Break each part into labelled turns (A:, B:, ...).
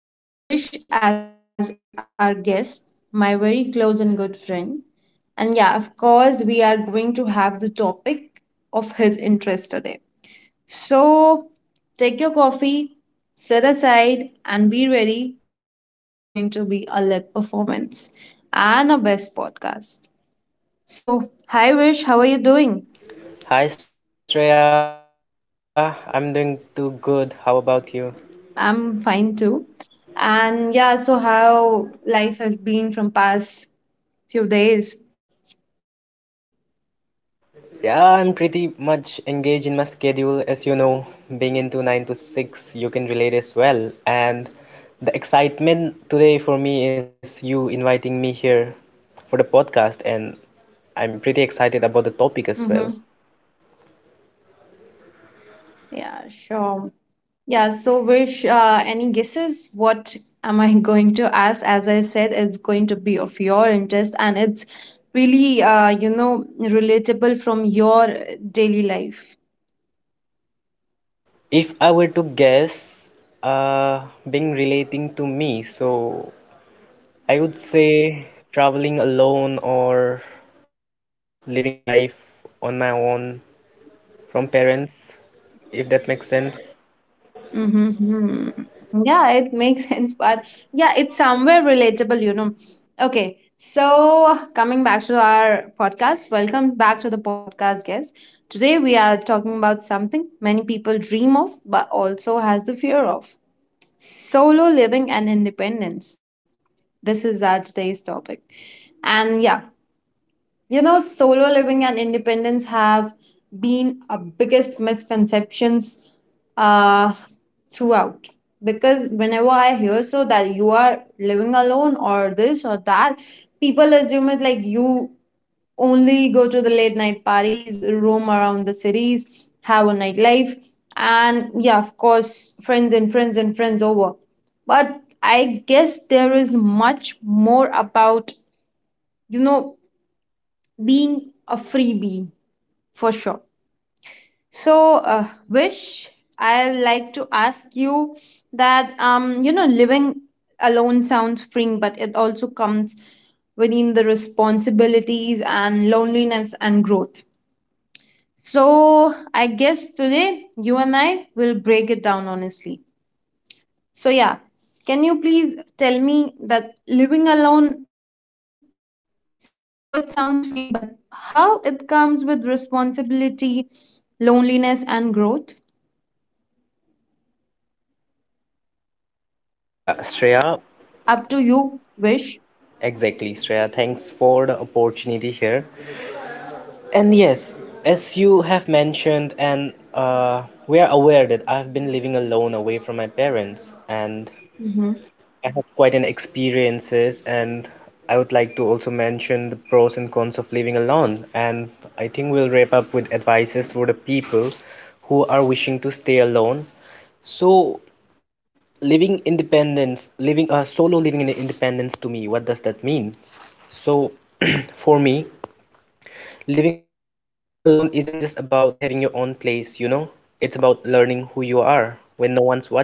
A: Today we have Vish as our guest, my very close and good friend. And yeah, of course, we are going to have the topic of his interest today. So take your coffee, sit aside, and be ready. This is going to be a lit performance and a best podcast. So, hi Vish, how are you doing?
B: Hi Shreya, I'm doing too good. How about you?
A: I'm fine too. And yeah, so how life has been from past few days.
B: Yeah, I'm pretty much engaged in my schedule. As you know, being into 9 to 6, you can relate as well. And the excitement today for me is you inviting me here for the podcast, and I'm pretty excited about the topic as
A: Mm-hmm.
B: well.
A: Yeah, sure. Yeah, so wish any guesses what am I going to ask? As I said, it's going to be of your interest and it's really you know relatable from your daily life.
B: If I were to guess, uh, being relating to me, so I would say traveling alone or living life on my own from parents, if that makes sense.
A: Mm-hmm. Yeah, it makes sense, but yeah, it's somewhere relatable, you know. Okay, so coming back to our podcast, welcome back to the podcast, guys. Today we are talking about something many people dream of, but also has the fear of solo living and independence. This is our today's topic. And yeah, you know, solo living and independence have been a biggest misconceptions uh, throughout. Because whenever I hear so that you are living alone or this or that, people assume it like you only go to the late night parties, roam around the cities, have a nightlife, and yeah, of course, friends and friends and friends over. But I guess there is much more about, you know, being a freebie for sure. So wish, I like to ask you that you know living alone sounds freeing, but it also comes within the responsibilities and loneliness and growth. So I guess today you and I will break it down honestly. So yeah, can you please tell me that living alone, somehow it sounds freeing, but how it comes with responsibility, loneliness, and growth?
B: Yeah,
A: Up
B: Shreya,
A: to you, wish.
B: exactly, Shreya. Thanks for the opportunity here. And yes, as you have mentioned, and we are aware that I've been living alone away from my parents, and
A: Mm-hmm.
B: I have quite an experiences and I would like to also mention the pros and cons of living alone, and I think we'll wrap up with advices for the people who are wishing to stay alone. So living independence, living solo living in independence to me, what does that mean? So for me, living alone isn't just about having your own place, you know? It's about learning who you are when no one's watching.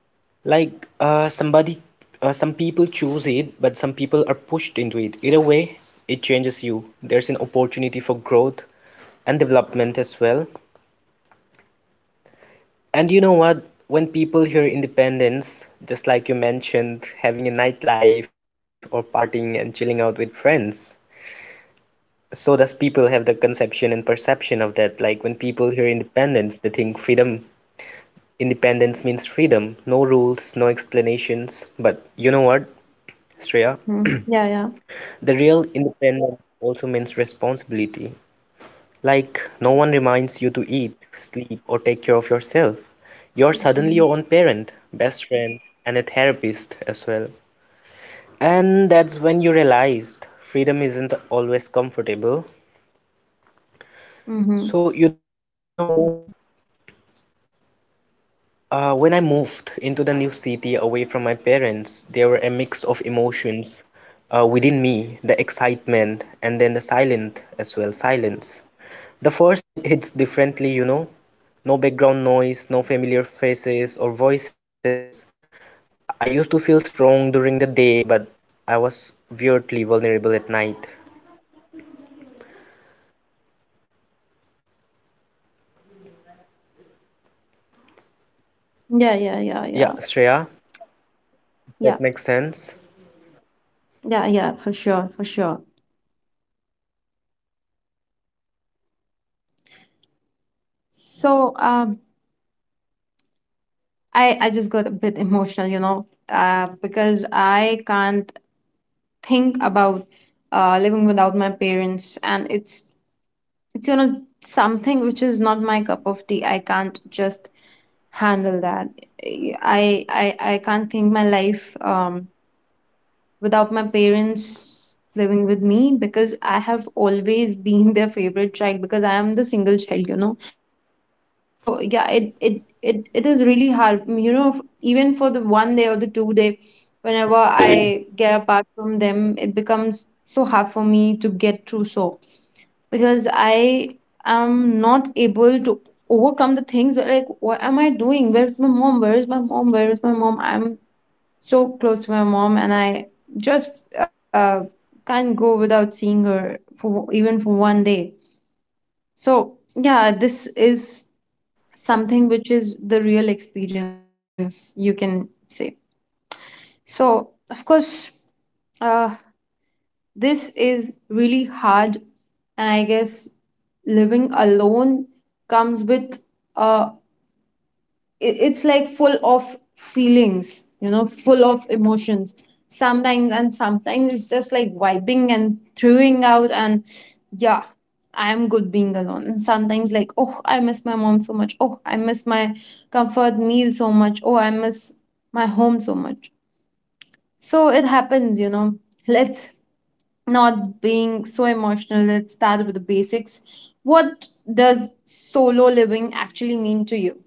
B: Like some people choose it, but some people are pushed into it. Either way, it changes you. There's an opportunity for growth and development as well. And you know what? When people hear independence, just like you mentioned, having a nightlife or partying and chilling out with friends, so does people have the conception and perception of that. Like when people hear independence, they think freedom. Independence means freedom, no rules, no explanations. But you know what, Shreya?
A: Yeah, yeah.
B: The real independence also means responsibility. Like, no one reminds you to eat, sleep, or take care of yourself. You're suddenly your own parent, best friend, and a therapist as well. And that's when you realized freedom isn't always comfortable.
A: Mm-hmm.
B: So, when I moved into the new city away from my parents, there were a mix of emotions within me, the excitement, and then the silent as well, silence. The first night hits differently, you know. No background noise, no familiar faces or voices. I used to feel strong during the day, but I was weirdly vulnerable at night.
A: Yeah, yeah, yeah, yeah,
B: Yeah, Shreya,
A: yeah,
B: that makes sense.
A: yeah, yeah, for sure, for sure. So, I just got a bit emotional, you know, because I can't think about living without my parents, and it's you know something which is not my cup of tea. I can't just handle that. I can't think my life without my parents living with me because I have always been their favorite child because I am the single child, you know. So yeah, it is really hard, Mm, you know. Even for the one day or the two-day, whenever I get apart from them, it becomes so hard for me to get through. So because I am not able to overcome the things where, like what am I doing? Where's my mom? Where's my mom? Where's my mom? I'm so close to my mom and I just uh, can't go without seeing her for even for one day. So yeah, this is something which is the real experience you can say. So of course, uh, this is really hard, and I guess living alone comes with uh, it's like full of feelings, you know, full of emotions. Sometimes and sometimes it's just like wiping and throwing out, and yeah, I'm good being alone. And sometimes like, oh, I miss my mom so much. Oh, I miss my comfort meal so much. Oh, I miss my home so much. So it happens, you know. Let's not being so emotional, let's start with the basics. What does solo living actually mean to you?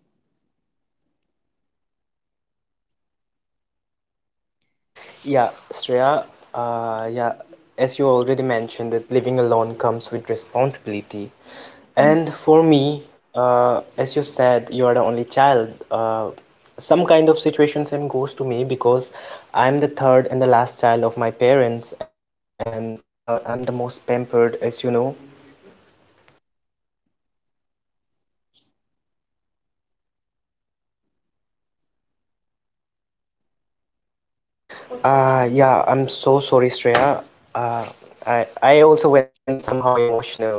B: Yeah, Shreya, yeah, as you already mentioned, that living alone comes with responsibility. And for me, as you said, you are the only child. Some kind of situation same goes to me because I'm the third and the last child of my parents, and I'm the most pampered, as you know. Yeah, I'm so sorry, Shreya. Uh, I also went somehow emotional, but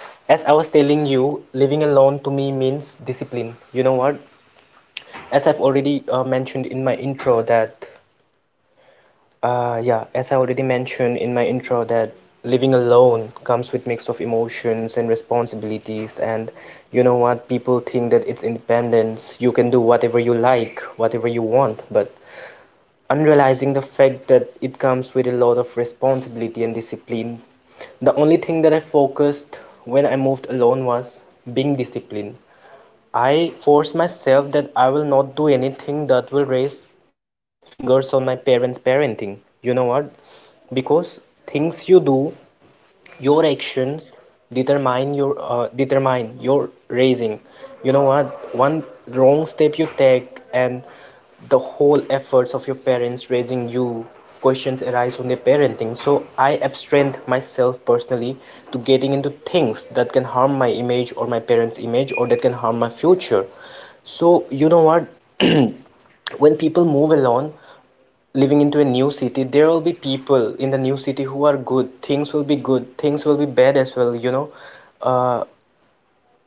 B: as I was telling you, living alone to me means discipline. You know what? As I've already mentioned in my intro that yeah as I already mentioned in my intro that living alone comes with mix of emotions and responsibilities, and you know what, people think that it's independence, you can do whatever you like, whatever you want, but unrealizing the fact that it comes with a lot of responsibility and discipline. The only thing that I focused when I moved alone was being disciplined. I forced myself that I will not do anything that will raise fingers on my parents' parenting. You know what? Because things you do, your actions determine your raising. You know what, one wrong step you take and the whole efforts of your parents raising you, questions arise on their parenting. So I abstrained myself personally to getting into things that can harm my image or my parents image or that can harm my future. So you know what, when people move alone, living into a new city, there will be people in the new city who are good, things will be good, things will be bad as well, you know. uh,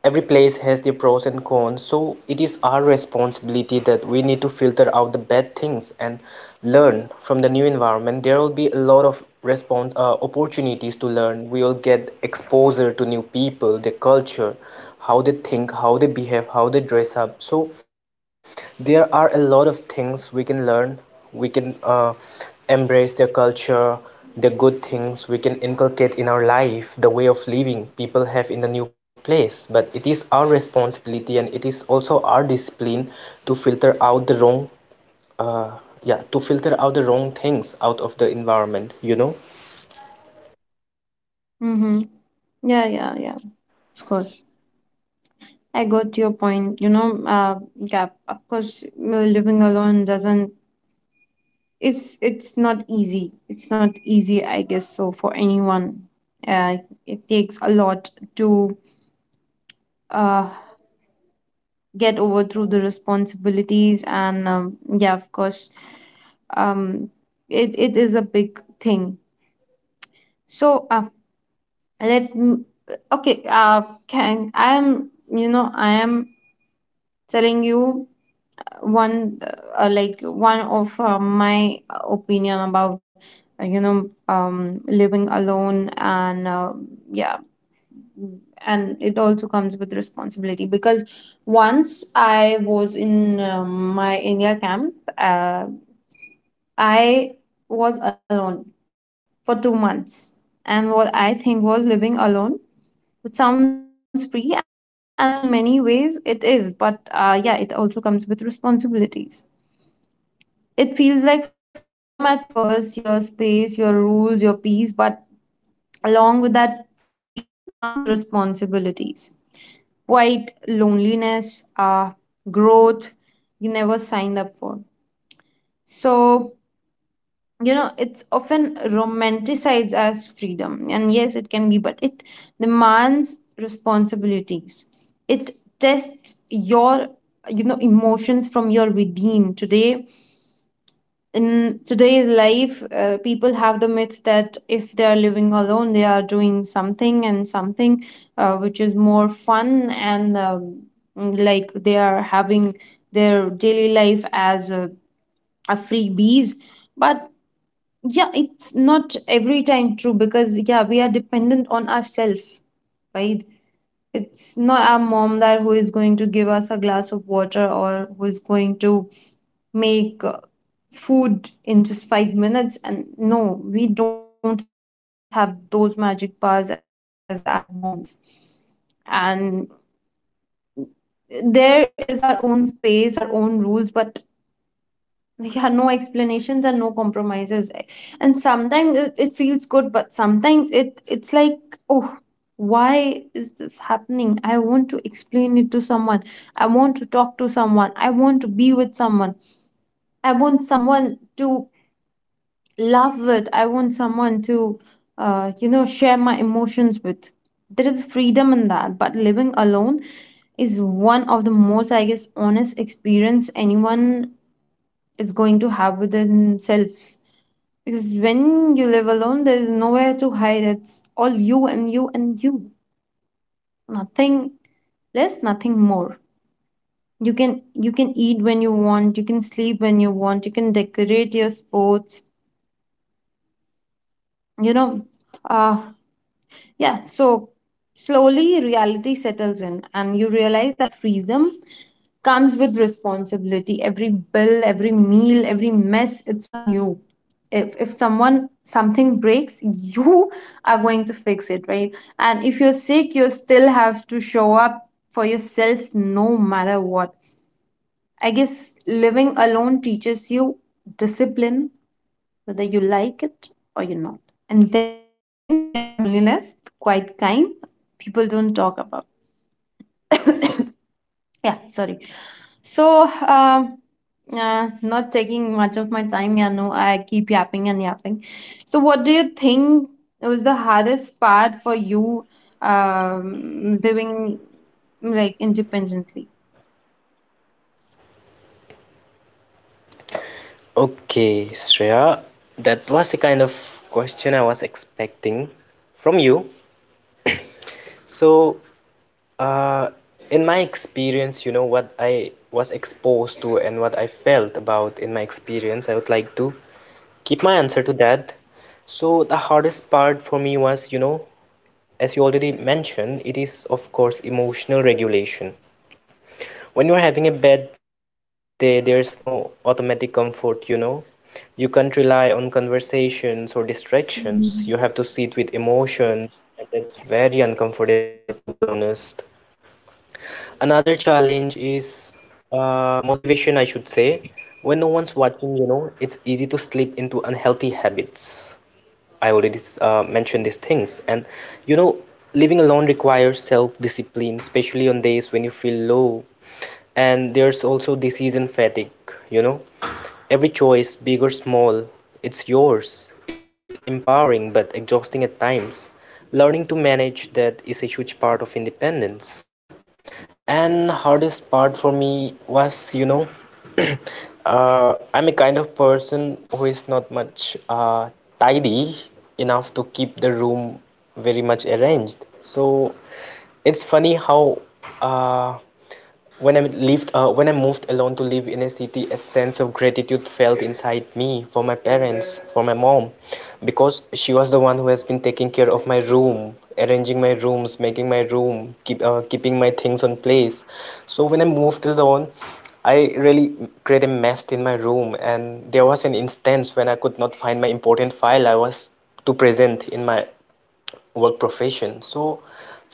B: every place has their pros and cons, so it is our responsibility that we need to filter out the bad things and learn from the new environment. There will be a lot of response opportunities to learn. We will get exposure to new people, their culture, how they think, how they behave, how they dress up. So there are a lot of things we can learn. We can embrace their culture, the good things we can inculcate in our life, the way of living people have in the new place, but it is our responsibility and it is also our discipline to filter out the wrong uh, yeah to filter out the wrong things out of the environment, you know.
A: Mm-hmm. Yeah, yeah, yeah. Of course. I got your point. You know, yeah, of course, living alone doesn't, it's not easy. It's not easy, I guess, so for anyone. Uh, it takes a lot to uh, get over through the responsibilities and yeah of course um it, it is a big thing. So let m- okay can I am you know I am telling you one like one of my opinion about you know living alone and yeah, and it also comes with responsibility because once I was in my India camp, I was alone for 2 months. And what I think was living alone, it sounds free, and in many ways it is, but yeah, it also comes with responsibilities. It feels like freedom at first, your space, your rules, your peace, but along with that freedom comes responsibilities. Quite loneliness, growth you never signed up for. So, you know, it's often romanticized as freedom. And yes, it can be, but it demands responsibilities. It tests your, you know, emotions from your within. Today, in today's life, people have the myth that if they are living alone, they are doing something and something which is more fun and like they are having their daily life as a freebies. But yeah, it's not every time true because yeah, we are dependent on ourselves, right? It's not our mom that who is going to give us a glass of water or who is going to make food in just 5 minutes. And no, we don't have those magic powers as our moms. And there is our own space, our own rules, but yeah, no explanations and no compromises. And sometimes it, it feels good, but sometimes it it's like, oh, why is this happening? I want to explain it to someone. I want to talk to someone. I want to be with someone. I want someone to laugh with. I want someone to, you know, share my emotions with. There is freedom in that, but living alone is one of the most, I guess, honest experience anyone is going to have with themselves. Because when you live alone, there is nowhere to hide. It's all you and you and you. Nothing less, nothing more. You can eat when you want. You can sleep when you want. You can decorate your sports. You know, uh, yeah, so slowly reality settles in, and you realize that freedom comes with responsibility. Every bill, every meal, every mess, it's on you. If someone something breaks, you are going to fix it, right? And if you're sick, you still have to show up for yourself no matter what. I guess living alone teaches you discipline, whether you like it or you're not. And then there is loneliness, quite kind, people don't talk about. yeah, sorry. So, not taking much of my time, yeah, no, I keep yapping and yapping. So, what do you think was the hardest part for you living like independently?
B: Okay, Shreya, that was the kind of question I was expecting from you. So, uh, in my experience, you know, what I was exposed to and what I felt about in my experience, I would like to keep my answer to that. So, the hardest part for me was, you know, as you already mentioned, it is, of course, emotional regulation. When you are having a bad day, there's no automatic comfort, you know. You can't rely on conversations or distractions. You have
A: Mhm.
B: to sit with emotions, and it's very uncomfortable, to be honest. Another challenge is motivation, I should say. When no one's watching, you know, it's easy to slip into unhealthy habits. I already mentioned these things. And you know, living alone requires self-discipline, especially on days when you feel low. And there's also disease and fatigue, you know. Every choice, big or small, it's yours. It's empowering but exhausting at times. Learning to manage that is a huge part of independence. And hardest part for me was, you know, I'm a kind of person who is not much tidy enough to keep the room very much arranged. So it's funny how uh, when I moved alone to live in a city, a sense of gratitude felt inside me for my parents, for my mom, because she was the one who has been taking care of my room, arranging my rooms, making my room, keeping my things on place. So when I moved alone, I really created a mess in my room, and there was an instance when I could not find my important file I was to present in my work profession. So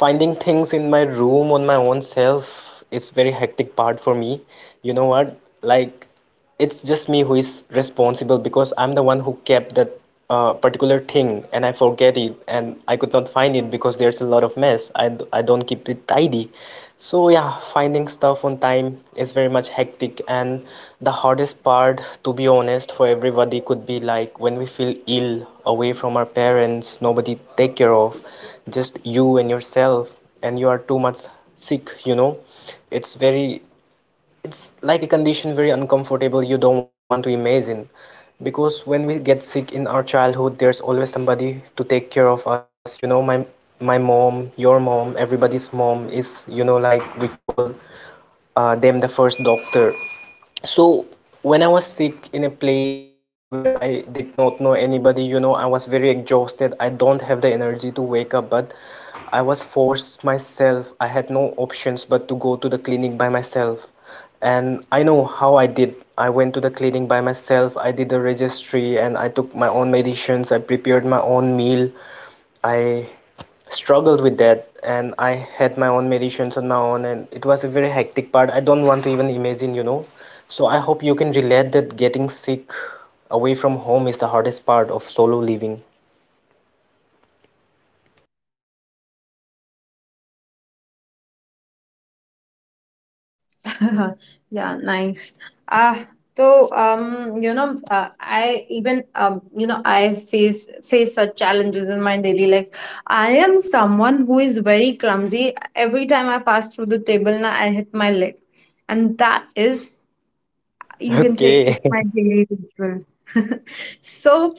B: finding things in my room on my own self is very hectic part for me. You know what, like, it's just me who is responsible because I'm the one who kept that particular thing and I forget it and I could not find it because there's a lot of mess. I don't keep it tidy. So yeah, finding stuff on time is very much hectic, and the hardest part, to be honest, for everybody could be like when we feel ill, away from our parents, nobody take care of, just you and yourself, and you are too much sick, you know. It's very it's like a condition very uncomfortable, you don't want to imagine, because when we get sick in our childhood there's always somebody to take care of us. You know, my mom, your mom, everybody's mom is, you know, like we call them the first doctor. So when I was sick in a place where I did not know anybody, you know, I was very exhausted. I don't have the energy to wake up, but I was forced myself. I had no options but to go to the clinic by myself. And I know how I did. I went to the clinic by myself. I did the registry and I took my own medicines. I prepared my own meal. I struggled with that and I had my own meditations on my own, and it was a very hectic part. I don't want to even imagine, you know. So I hope you can relate that getting sick away from home is the hardest part of solo living.
A: Yeah, yeah, nice. Ah, so you know, I even you know, I face such challenges in my daily life. I am someone who is very clumsy. Every time I pass through the table, now I hit my leg, and that is, you can say, it's my
B: Okay.
A: daily ritual. So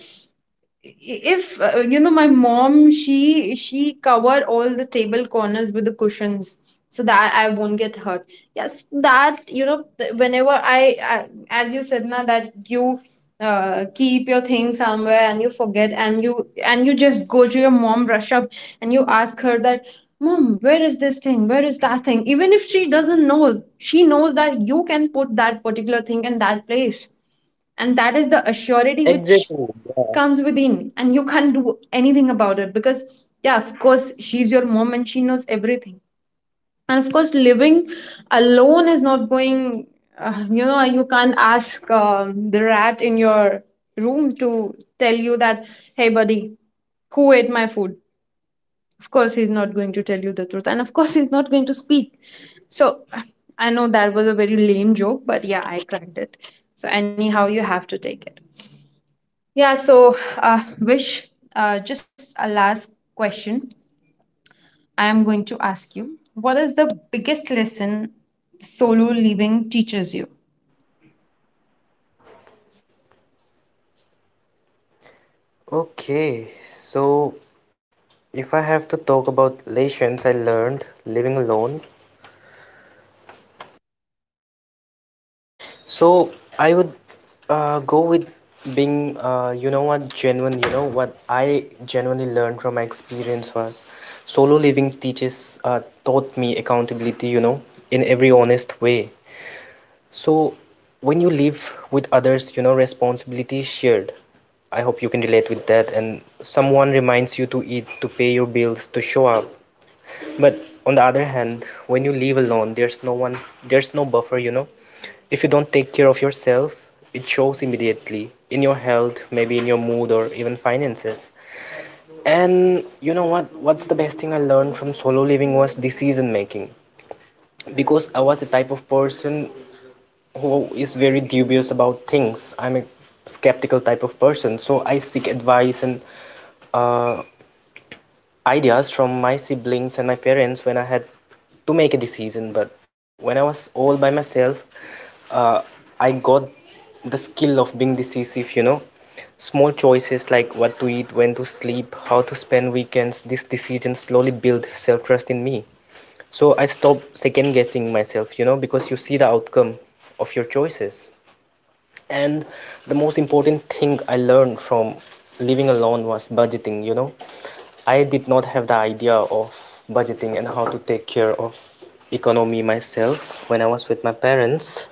A: if you know my mom she cover all the table corners with the cushions so that I won't get hurt. Yes, that you know whenever I, as you said now that you keep your thing somewhere and you forget and you just go to your mom rush up and you ask her that mom where is this thing, where is that thing. Even if she doesn't know, she knows that you can put that particular thing in that place, and that is the assurity which
B: Exactly. Yeah.
A: comes within, and you can't do anything about it because yeah, of course she's your mom and she knows everything. And of course living alone is not going you know, you can't ask the rat in your room to tell you that hey buddy, who ate my food? Of course he's not going to tell you the truth, and of course he's not going to speak. So I know that was a very lame joke but yeah I cracked it, so anyhow you have to take it. Yeah, so Vish, just a last question I am going to ask you. What is the biggest lesson solo living teaches you?
B: Okay. So if I have to talk about lessons I learned living alone, so I would go with being, you know what, genuine. You know what I genuinely learned from my experience was solo living teaches taught me accountability. You know, in every honest way. So when you live with others, you know, responsibility is shared. I hope you can relate with that, and someone reminds you to eat, to pay your bills, to show up. But on the other hand, when you live alone, there's no one, there's no buffer, you know. If you don't take care of yourself, it shows immediately in your health, maybe in your mood or even finances. And you know what? What's the best thing I learned from solo living was decision making. Because I was a type of person who is very dubious about things. I'm a skeptical type of person, so I seek advice and uh, ideas from my siblings and my parents when I had to make a decision. But when I was all by myself, uh, I got the skill of being decisive, you know. Small choices like what to eat, when to sleep, how to spend weekends, these decisions slowly build self trust in me. So I stopped second guessing myself, you know, because you see the outcome of your choices. And the most important thing I learned from living alone was budgeting, you know. I did not have the idea of budgeting and how to take care of economy myself when I was with my parents.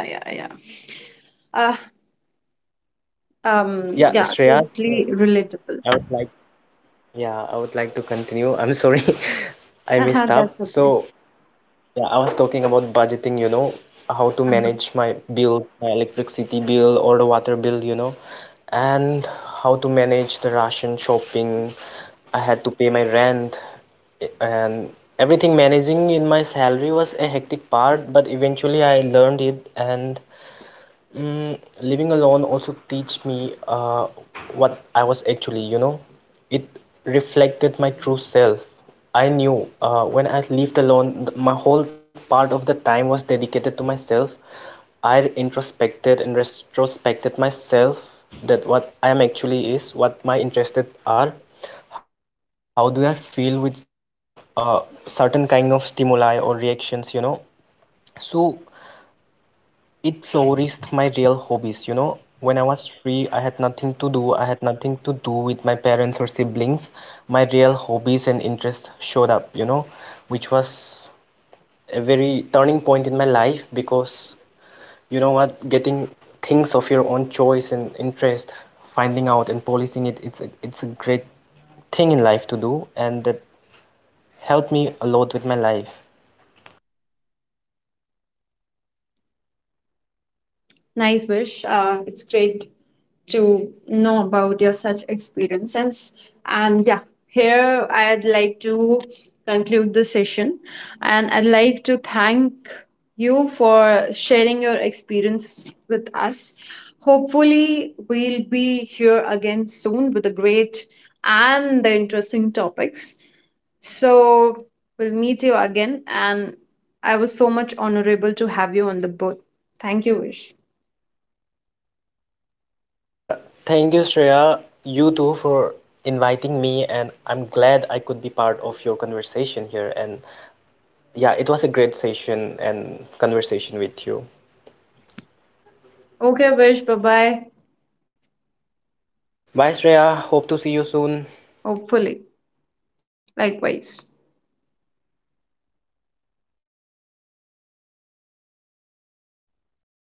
A: Yeah, yeah, yeah. Uh,
B: Yeah, Shreya,
A: yeah, totally
B: would
A: relatable.
B: like yeah I would like to continue, I'm sorry. I messed up.
A: Uh-huh,
B: So
A: that's okay.
B: yeah, I was talking about budgeting, you know, how to manage my
A: Uh-huh.
B: bill, my electricity bill or the water bill, you know, and how to manage the ration shopping. I had to pay my rent, and everything managing in my salary was a hectic part, but eventually I learned it. And mm, living alone also teach me what I was actually, you know. It reflected my true self. I knew when I lived alone, my whole part of the time was dedicated to myself. I introspected and retrospected myself that what I am actually is, what my interested are, how do I feel with uh, certain kind of stimuli or reactions, you know. So it flourished my real hobbies, you know. When I was free, I had nothing to do. I had nothing to do with my parents or siblings. My real hobbies and interests showed up, you know, which was a very turning point in my life because you know what, getting things of your own choice and interest, finding out and policing it, it's a great thing in life to do, and that helped me a lot with my life.
A: Nice Vish. It's great to know about your such experiences. And yeah, here I'd like to conclude the session and I'd like to thank you for sharing your experience with us. Hopefully, we'll be here again soon with the great and the interesting topics. So, we'll meet you again. And I was so much honorable to have you on the boat. Thank you, Vish.
B: Uh, Thank you, Shreya, you too, for inviting me, and I'm glad I could be part of your conversation here. And yeah, it was a great session and conversation with you.
A: Okay, Vish. Bye bye.
B: Bye, Shreya. Hope to see you soon.
A: Hopefully, likewise.